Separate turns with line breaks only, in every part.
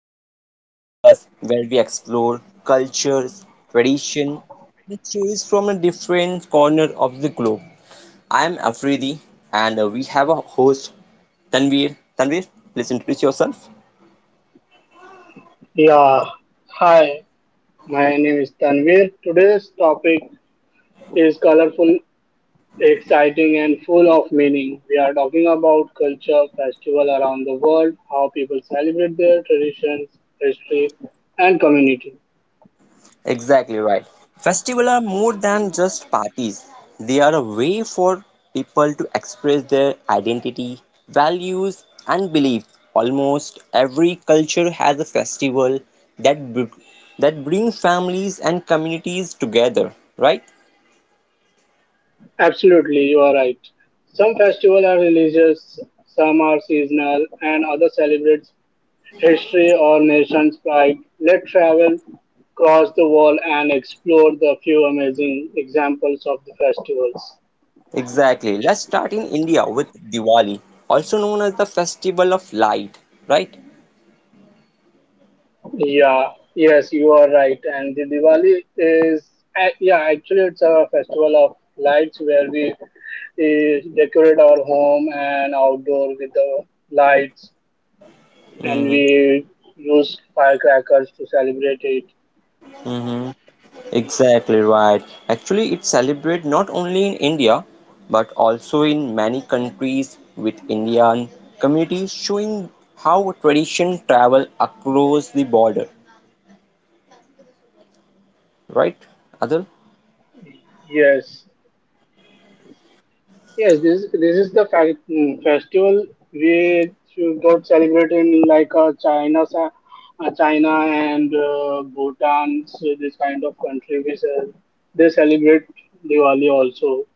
Words, the podcast where we explore cultures, tradition, and stories from a different corner of the globe. I am Afridi, and we have a host, Tanvir. Tanvir, please introduce yourself.
Yeah, hi, my name is Tanvir. Today's topic is colorful, exciting, and full of meaning. We are talking about culture, festival around the world, how people celebrate their traditions, history, and community.
Exactly right. Festivals are more than just parties. They are a way for people to express their identity, values, and beliefs. Almost every culture has a festival that br- that brings families and communities together, right?
Absolutely, you are right. Some festivals are religious, some are seasonal, and others celebrate history or nation's pride. Let's travel across the world and explore the few amazing examples of the festivals.
Exactly. Let's start in India with Diwali, also known as the Festival of Light, right?
Yeah, yes, you are right. And the Diwali is, it's a festival of lights where we decorate our home and outdoor with the lights, and
Mm-hmm.
we use firecrackers to celebrate it.
Exactly right. Actually, it's celebrated not only in India but also in many countries with Indian communities showing how tradition travel across the border. Right, Adil?
Yes, yes, this is the festival which got celebrated in like China and Bhutan, so this kind of country. They celebrate Diwali also,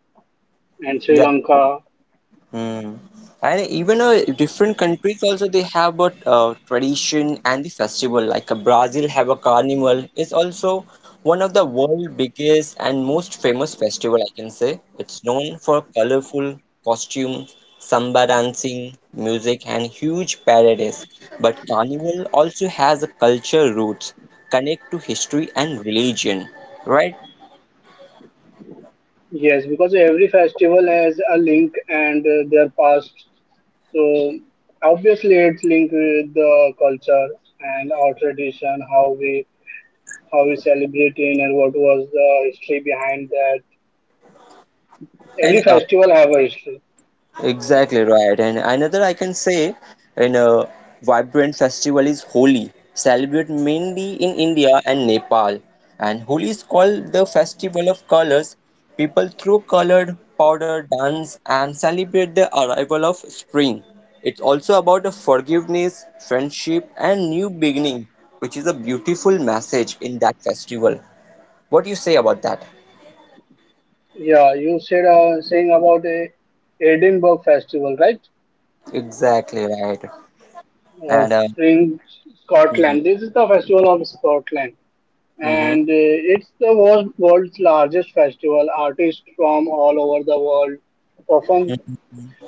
and Sri
Yeah.
Lanka.
Hmm. And even different countries also they have a tradition and the festival. Like Brazil have a carnival. It's also one of the world biggest and most famous festival I can say. It's known for colorful costumes, samba dancing, music, and huge parades. But carnival also has a culture roots connect to history and religion, right?
Yes, because every festival has a link and their past. So obviously, it's linked with the culture and our tradition, how we celebrate it, and what was the history behind that.
And
Every festival have a history.
Exactly right. And another I can say in a vibrant festival is Holi, celebrated mainly in India and Nepal. And Holi is called the festival of colors. People throw colored powder, dance, and celebrate the arrival of spring. It's also about the forgiveness, friendship, and new beginning, which is a beautiful message in that festival. What do you say about that?
Yeah, you said saying about a Edinburgh festival, right?
Exactly right.
Uh,
And
in
mhm,
Scotland. This is the festival of Scotland,
mhm.
and it's the world's largest festival. Artists from all over the world perform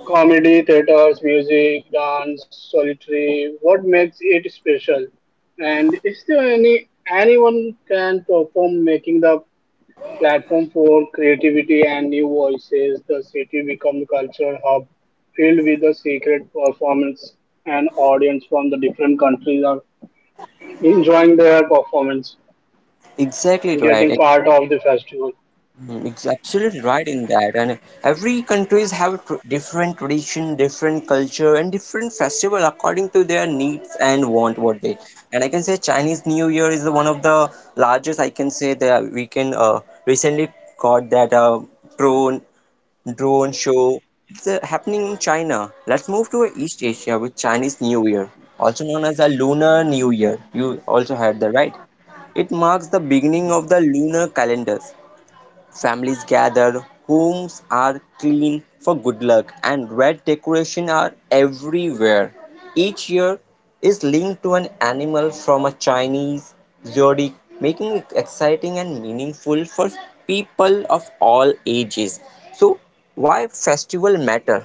comedy, theaters, music, dance, solitary. What makes it special? And is there anyone can perform, making the platform for creativity and new voices, the city becomes a cultural hub filled with the secret performance and audience from the different countries are enjoying their performance
Exactly
and getting
right.
part of the festival.
It's absolutely right in that, and every countries have different tradition, different culture, and different festival according to their needs and want what they. And I can say Chinese New Year is one of the largest. I can say that we can recently got that drone drone show. It's happening in China. Let's move to East Asia with Chinese New Year, also known as the Lunar New Year. You also heard that, right? It marks the beginning of the lunar calendars. Families gather, homes are clean for good luck, and red decorations are everywhere. Each year is linked to an animal from a Chinese zodiac, making it exciting and meaningful for people of all ages. So, why festival matter?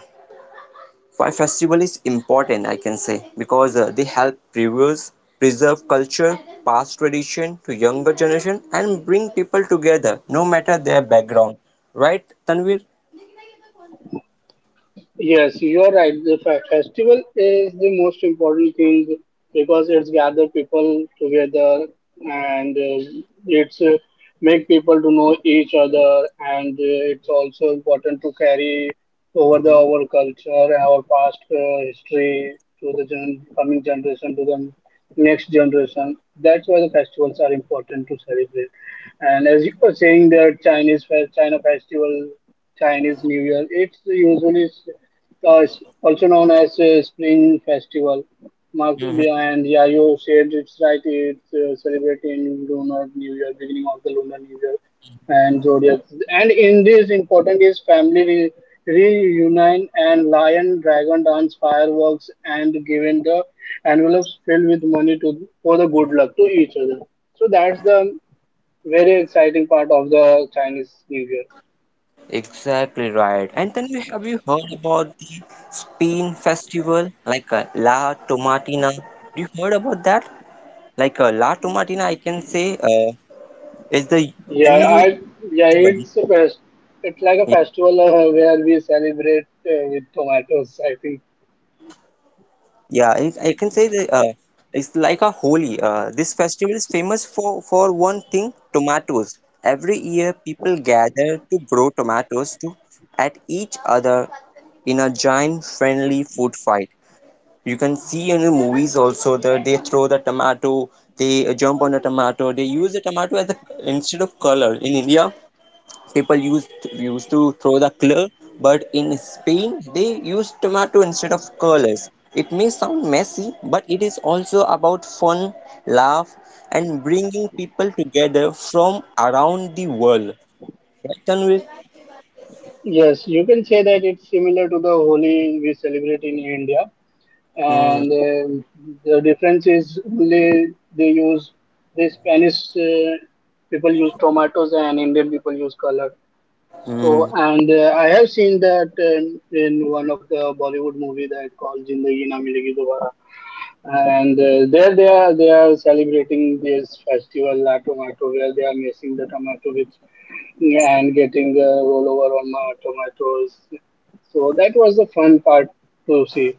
Why festival is important I can say because they help preserve culture, past tradition to younger generation and bring people together no matter their background. Right, Tanvir?
Yes, you are right. The festival is the most important thing because it's gather people together and it's make people to know each other and it's also important to carry over the
hmm
our culture, our past history to the coming generation to the next generation. That's why the festivals are important to celebrate. And as you were saying, the Chinese fe- China festival Chinese New Year. It's usually it's also known as Spring Festival. Marks
hmm
behind, yeah, you said it's right. It's celebrated in lunar new year, beginning of the lunar new year, and zodiac. And in this, important is family reunion and lion, dragon dance, fireworks, and giving the envelopes filled with money to for the good luck to each other. So that's the very exciting part of the Chinese New Year.
Exactly right. And then you have you heard about the Spain festival, like La Tomatina? You heard about that? Like La Tomatina, I can say, is the
Yeah,
unusual.
I yeah, it's a fest. It's like a festival where we celebrate with tomatoes, I think.
I can say that it's like a holy. This festival is famous for one thing, tomatoes. Every year, people gather to throw tomatoes to at each other in a giant friendly food fight. You can see in the movies also that they throw the tomato, they jump on the tomato, they use the tomato as a, instead of color. In India, people used to throw the clue, but in Spain they use tomato instead of colors. It may sound messy, but it is also about fun, laugh, and bringing people together from around the world. Right, Tanvir?
Yes, you can say that it's similar to the Holi we celebrate in India,
Hmm.
and the difference is only they use the Spanish people use tomatoes and Indian people use color. So,
Hmm.
and I have seen that in one of the Bollywood movie that called Zindagi Na Milegi Dobara, and there they are celebrating this festival La Tomato where they are mixing the tomato with and getting the rollover on my tomatoes. So that was the fun part to see.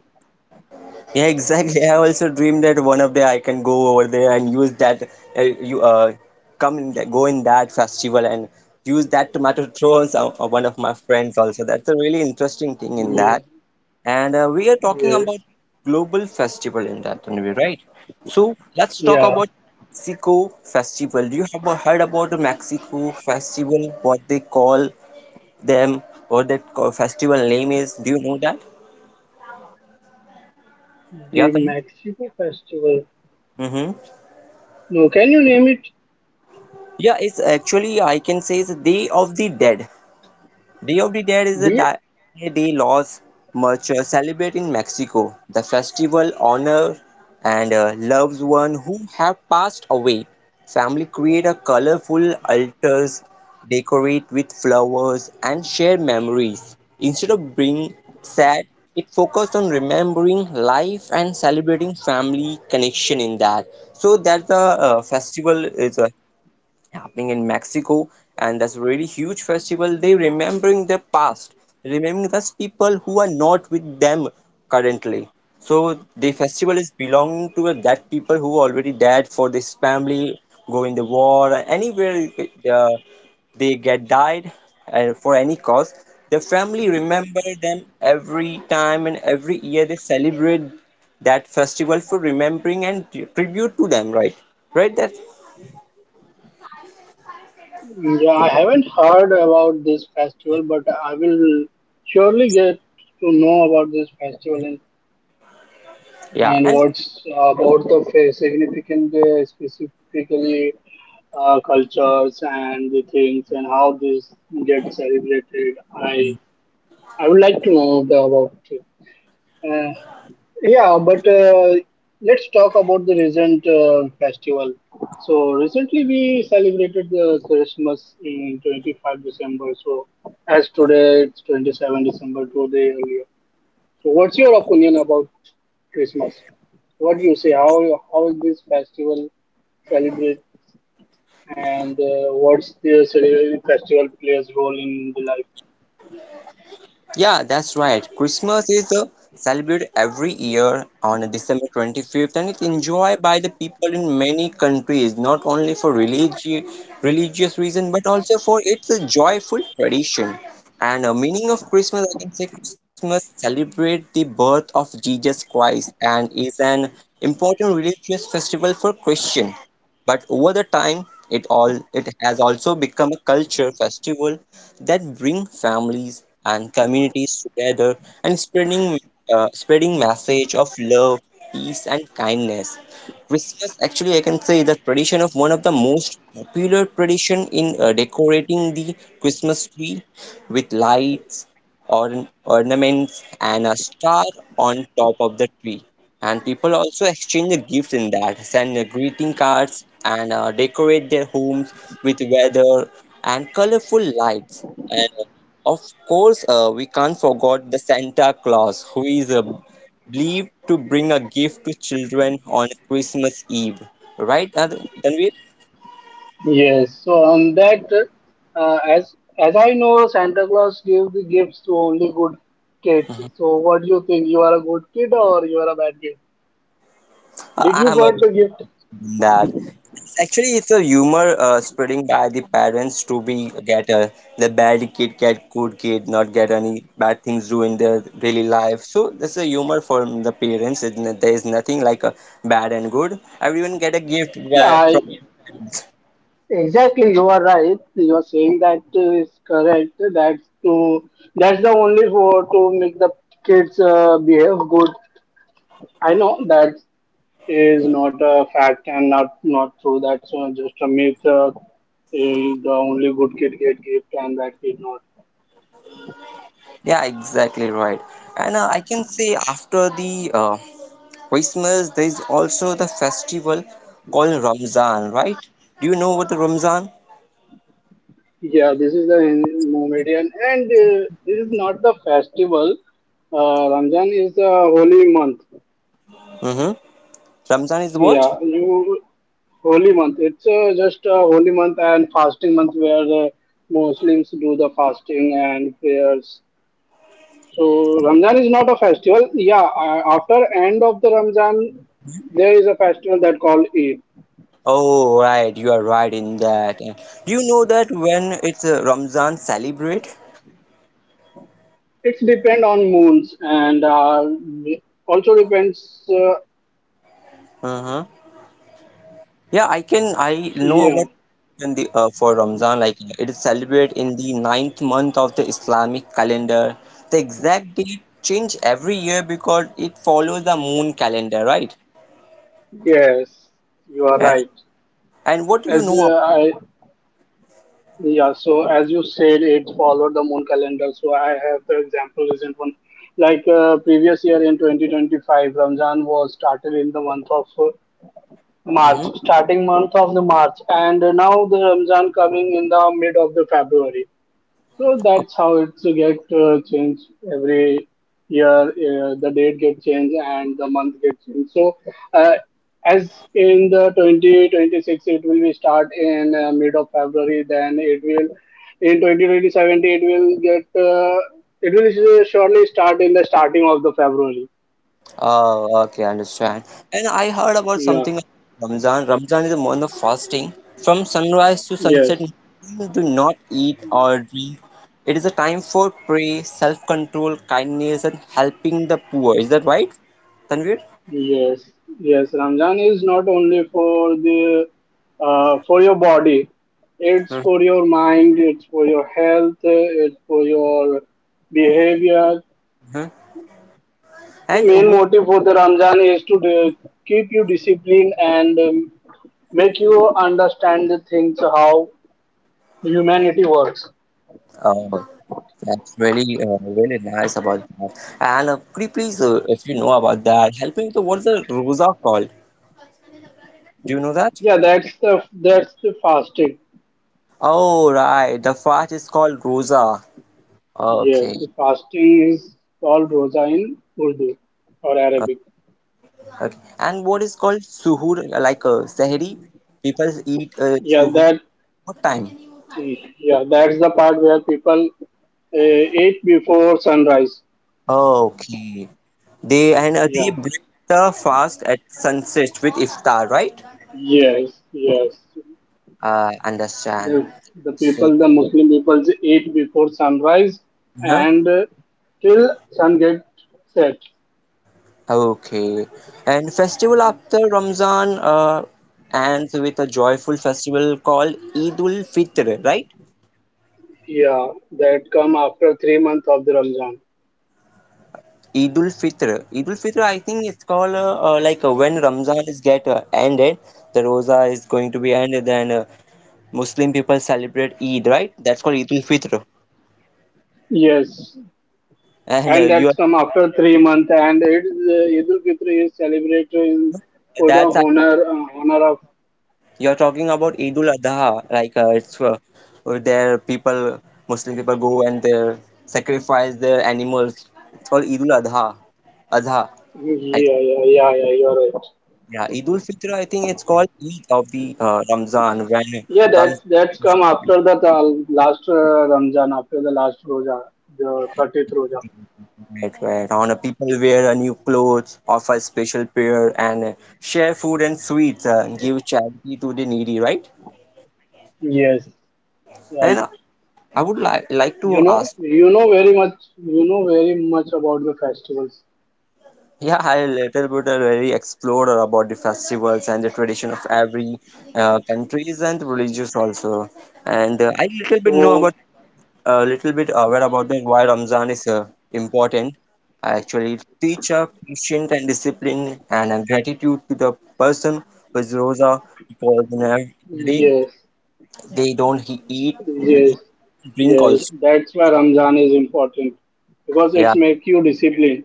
Yeah, exactly. I also dream that one of day I can go over there and use that. You come in that, go in that festival and use that tomato to throw on some, one of my friends also. That's a really interesting thing in
Yeah,
that. And we are talking
yes,
about global festival in that way, right? So let's talk
yeah.
about Mexico festival. Do you have heard about the Mexico festival? What they call them, or that festival name is? Do you know that? Yeah,
The
Karan?
Mexico festival.
Mm-hmm.
No, can you name it?
Yeah, it's actually I can say it's the Day of the Dead. Day of the Dead is a
The,
di- a day Los Muertos celebrate in Mexico. The festival honors and loves one who have passed away. Family create a colorful altars, decorate with flowers, and share memories. Instead of being sad, it focused on remembering life and celebrating family connection in that. So that the festival is happening in Mexico, and that's a really huge festival. They remembering their past, remembering those people who are not with them currently. So the festival is belonging to that people who already dead for this family, go in the war, or anywhere uh, they get died for any cause. The family remember them every time and every year they celebrate that festival for remembering and tribute to them, right? Right? That
yeah, I haven't heard about this festival, but I will surely get to know about this festival in.
yeah,
And
and
what's about the significant, specifically cultures and the things and how this gets celebrated? I would like to know the, about it. Uh, yeah, but let's talk about the recent festival. So recently we celebrated the Christmas in 25th December. So as today it's 27th December two-day earlier. So what's your opinion about Christmas? What do you say? How is this festival celebrate and what's the festival plays role in the life?
Yeah, that's right. Christmas is celebrated every year on December 25th and it's enjoyed by the people in many countries, not only for religious reason but also for its a joyful tradition. And meaning of Christmas, I can say Christmas celebrates the birth of Jesus Christ and is an important religious festival for Christian. But over the time, it all it has also become a culture festival that bring families and communities together and spreading message of love, peace, and kindness. Christmas actually I can say is the tradition of one of the most popular tradition in decorating the Christmas tree with lights, or ornaments, and a star on top of the tree. And people also exchange the gifts in that, send greeting cards, and decorate their homes with weather and colorful lights. And of course, we can't forget the Santa Claus, who is believed to bring a gift to children on Christmas Eve. Right, Tanvir?
Yes. So on that, uh, as as I know, Santa Claus gives the gifts to only good kids. So what do you think? You are a good kid or you are a bad kid? Did you
I'm a
got the gift?
that. Actually, it's a humor spreading by the parents to be get the bad kid get good kid, not get any bad things do in their daily life. So this is a humor from the parents. And that there is nothing like a bad and good. Everyone get a gift
Yeah, I,
from.
Exactly, you are right. You are saying that is correct. That's the only for to make the kids behave good. I know that is not a fact and not true. That's just a myth. The only good kid get gift and that kid not.
Yeah, exactly right. And I can say after the Christmas, there is also the festival called Ramzan, right? Do you know what the Ramzan?
Yeah, this is the Mohammedan and this is not the festival. Ramzan is a holy month.
Mm-hmm. Ramzan is what?
Yeah, you Holy month. It's just a holy month and fasting month where the Muslims do the fasting and prayers. So Ramzan is not a festival. Yeah, after end of the Ramzan, there is a festival that called Eid.
Oh, right, you are right in that. Do you know that when it's Ramzan celebrate?
It's depend on moons and also depends.
Uh-huh. Yeah, I can. I know
Yeah,
about in the for Ramzan. Like it is celebrated in the ninth month of the Islamic calendar. The exact date change every year because it follows the moon calendar, right?
yes, you are
And
right.
and what do you
As
know
I Yeah, so as you said, it followed the moon calendar. So I have the example recent one. Like previous year in 2025, Ramzan was started in the month of March, starting month of the March, and now the Ramzan coming in the mid of the February. So
about?
that's how it's get changed every year. The date get changed and the month get changed. So uh, as in the 2026, it will be start in mid of February. Then it will in 2027 it will surely start in the starting of the February.
Oh, okay, I understand. And I heard about
Yeah.
something of Ramzan. Ramzan is a month of fasting. From sunrise to sunset,
Yes.
Muslims do not eat or drink. It is a time for prayer, self-control, kindness, and helping the poor. Is that right, Tanvir?
Yes, yes. Ramzan is not only for the for your body. It's
Mm-hmm.
for your mind. It's for your health. It's for your behavior. The
And
main
what?
motive for the Ramzan is to keep you disciplined and make you understand the things how humanity works.
Oh, that's really, really nice about that. And could you please, if you know about that, help me with the, what's the rosa called? Do you know that?
That's the fasting.
Oh, right. The fast is called rosa.
Yes,
Okay.
the fasting is called roza in Urdu or
Uh,
Arabic.
okay. And what is called suhoor, like sahri? People eat
Yeah,
suhoor.
that
What time?
Yeah, that's the part where people eat before sunrise.
Okay. They and they
Yeah.
break the fast at sunset with iftar, right?
Yes. Yes.
I understand.
The, the
So,
people, the Muslim people eat before sunrise
huh?
and till sun get set.
Okay. And festival after Ramzan ends with a joyful festival called Eid ul Fitr, right?
Yeah, that come after 3 months of the Ramzan.
Eidul Fitr. Eidul Fitr, I think it's called like when Ramzan is get ended, the Rosa is going to be ended, then Muslim people celebrate Eid, right? That's called Eidul Fitr.
Yes,
And
and
you are
that's come after 3 months, and it Eid ul Fitr is celebrated in, for the
That's
honor honor of.
you're talking about Eidul Adha, like it's there people Muslim people go and they sacrifice their animals. It's called Eidul Adha. Adha. I,
Yeah, yeah, yeah, yeah. You're right.
yeah, Eidul Fitr. I think it's called Eid of the Ramzan when
Yeah,
Ramzan.
that's come after the last Ramzan, after the last Roja, the 30th Roja.
Right, right. On a people wear a new clothes, offer special prayer, and share food and sweets, give charity to the needy, right?
Yes,
And
right.
I would like
You
to
know,
ask,
you know very much, you know very much about the festivals.
yeah, I little bit very explored about the festivals and the tradition of every countries and religious also, and I little bit know about
So
a little bit aware about the why Ramzan is important. I actually teach a patient and discipline and a gratitude to the person who is Rosa because in every day
yes,
they don't eat,
yes,
drink
yes.
also.
That's why Ramzan is important because
Yeah.
it's make you disciplined,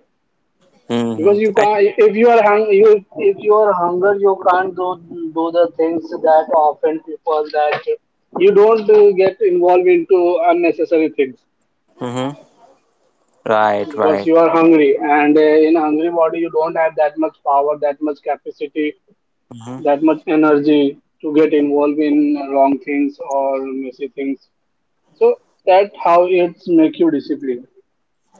because
Mm-hmm.
you
And,
can't if you are hung you if you are hunger, you can't do the things that often people that you don't get involved into unnecessary things,
mm-hmm. Right,
because
right.
you are hungry and in hungry body you don't have that much power, that much capacity,
Mm-hmm.
that much energy to get involved in wrong things or messy things, so that how it's make you disciplined.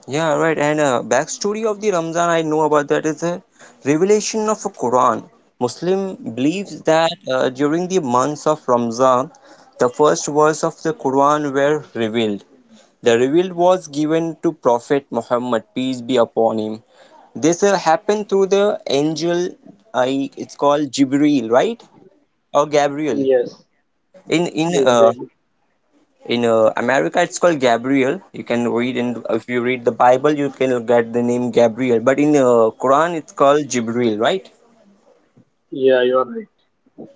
Yeah, right. And backstory of the Ramzan I know about that is a revelation of a Quran. Muslim believes that during the months of Ramzan, the first verse of the Quran were revealed. The revealed was given to Prophet Muhammad, peace be upon him. This happened through the angel, I it's called Jibril, right? Or Gabriel.
Yes,
In in
deep
uh,
brain.
in America it's called Gabriel. You can read in if you read the Bible you can get the name Gabriel, but in Quran it's called Jibril, right?
Yeah, you are right.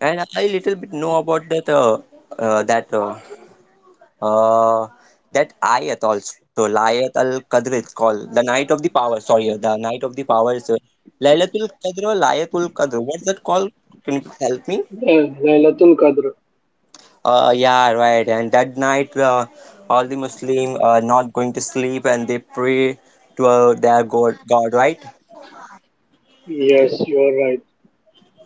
And I little bit know about that uh, that uh, uh, that ayat also layat al qadr, it's called the night of the power. Sorry, the night of the power is laylatul qadr or layatul qadr, what's that called? Can you help me?
Laylatul Qadr.
Yeah, right. And that night, all the Muslim are not going to sleep and they pray to their God, right?
Yes, you are right.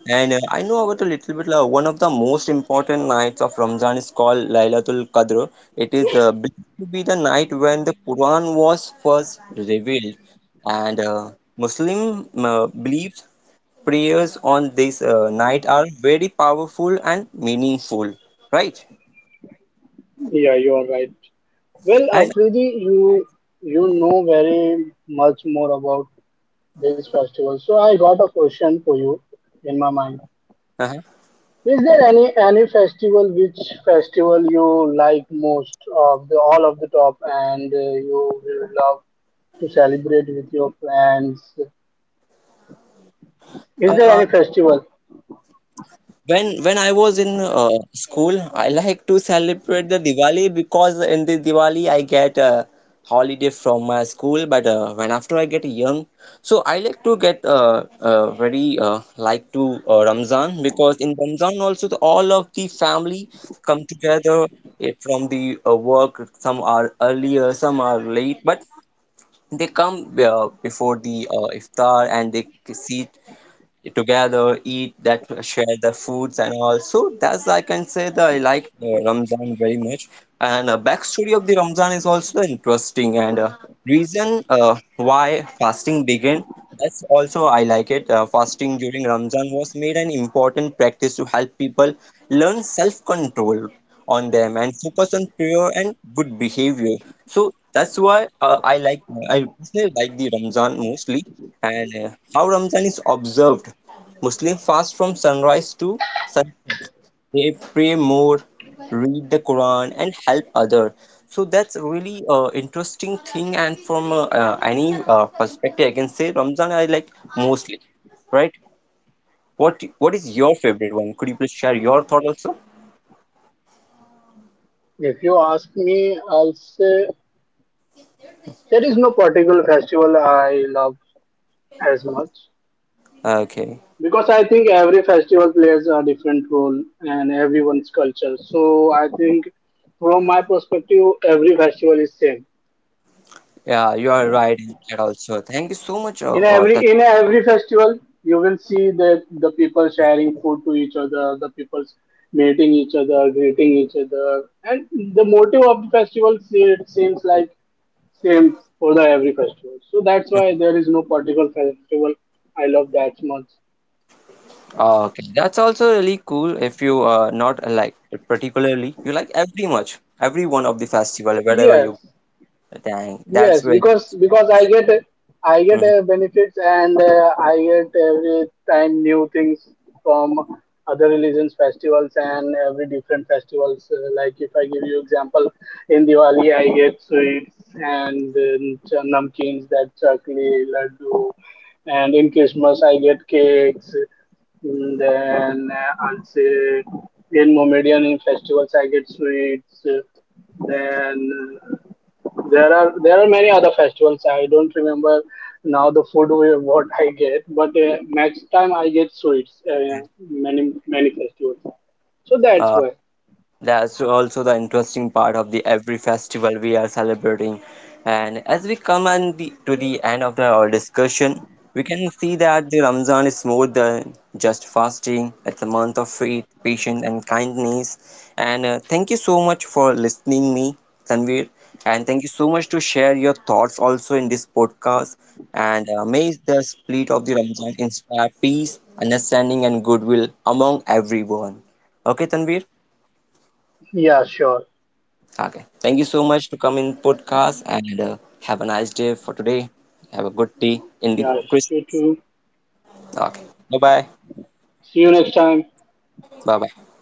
And I know about a little bit. One of the most important nights of Ramzan is called Laylatul Qadr. It
So,
is believed to be the night when the Quran was first revealed, and Muslim beliefs prayers on this night are very powerful and meaningful, right?
yeah, you are right. Well,
And
Afridi, you know very much more about this festival. So I got a question for you in my mind.
uh-huh.
Is there any festival which festival you like most of the all of the top and you will love to celebrate with your friends? Is there
Uh,
any festival?
when I was in school, I like to celebrate the Diwali because in the Diwali I get a holiday from my school. But when after I get young, so I like to get very like to Ramzan because in Ramzan also the, all of the family come together eh, from the work. Some are earlier, some are late, but they come before the iftar and they sit together, eat that, share the foods and all. So that's I can say that I like Ramzan very much. And backstory of the Ramzan is also interesting and reason why fasting began. That's also I like it. Fasting during Ramzan was made an important practice to help people learn self-control on them and focus on prayer and good behavior. So that's why I personally like the Ramzan mostly and how Ramzan is observed. Muslim fast from sunrise to sunset. They pray more, read the Quran, and help other. So that's really a interesting thing. And from any perspective, I can say Ramzan I like mostly, right? What is your favorite one? Could you please share your thought also?
If you ask me, I'll say there is no particular festival I love as much,
Okay.
because I think every festival plays a different role and everyone's culture. So I think from my perspective, every festival is same.
Yeah, you are right in that also. Thank you so much,
In
Tan-
every in every festival, you will see the people sharing food to each other, the people's meeting each other, greeting each other, and the motive of the it seems like same for the every festival. So that's why there is no particular festival I love that much.
okay, that's also really cool. If you not like it particularly, you like every much, every one of the festival, wherever you.
Yes.
Dang, that's
Yes,
really.
because I get
Mhm.
benefits and I get every time new things from other religions festivals and every different festivals. Like if I give you example, in Diwali I get sweets and namkeens, that chakli, laddu, and in Christmas I get cakes. And then I'll say in Mohammedan in festivals I get sweets. Then there are many other festivals. I don't remember now the food what I get, but next time I get sweets. Yeah, many festivals. So that's
Uh,
why.
that's also the interesting part of the every festival we are celebrating. And as we come and the, to the end of the, our discussion, we can see that the Ramzan is more than just fasting. It's a month of faith, patience, and kindness. And thank you so much for listening me, Tanvir. And thank you so much to share your thoughts also in this podcast. And may the spirit of the Ramzan inspire peace, understanding, and goodwill among everyone. Okay, Tanvir?
Yeah, sure.
Okay. Thank you so much to come in podcast and have a nice day for today. Have a good day in the
Yeah,
Chris.
you too.
Okay. Bye bye.
See you next time.
Bye bye.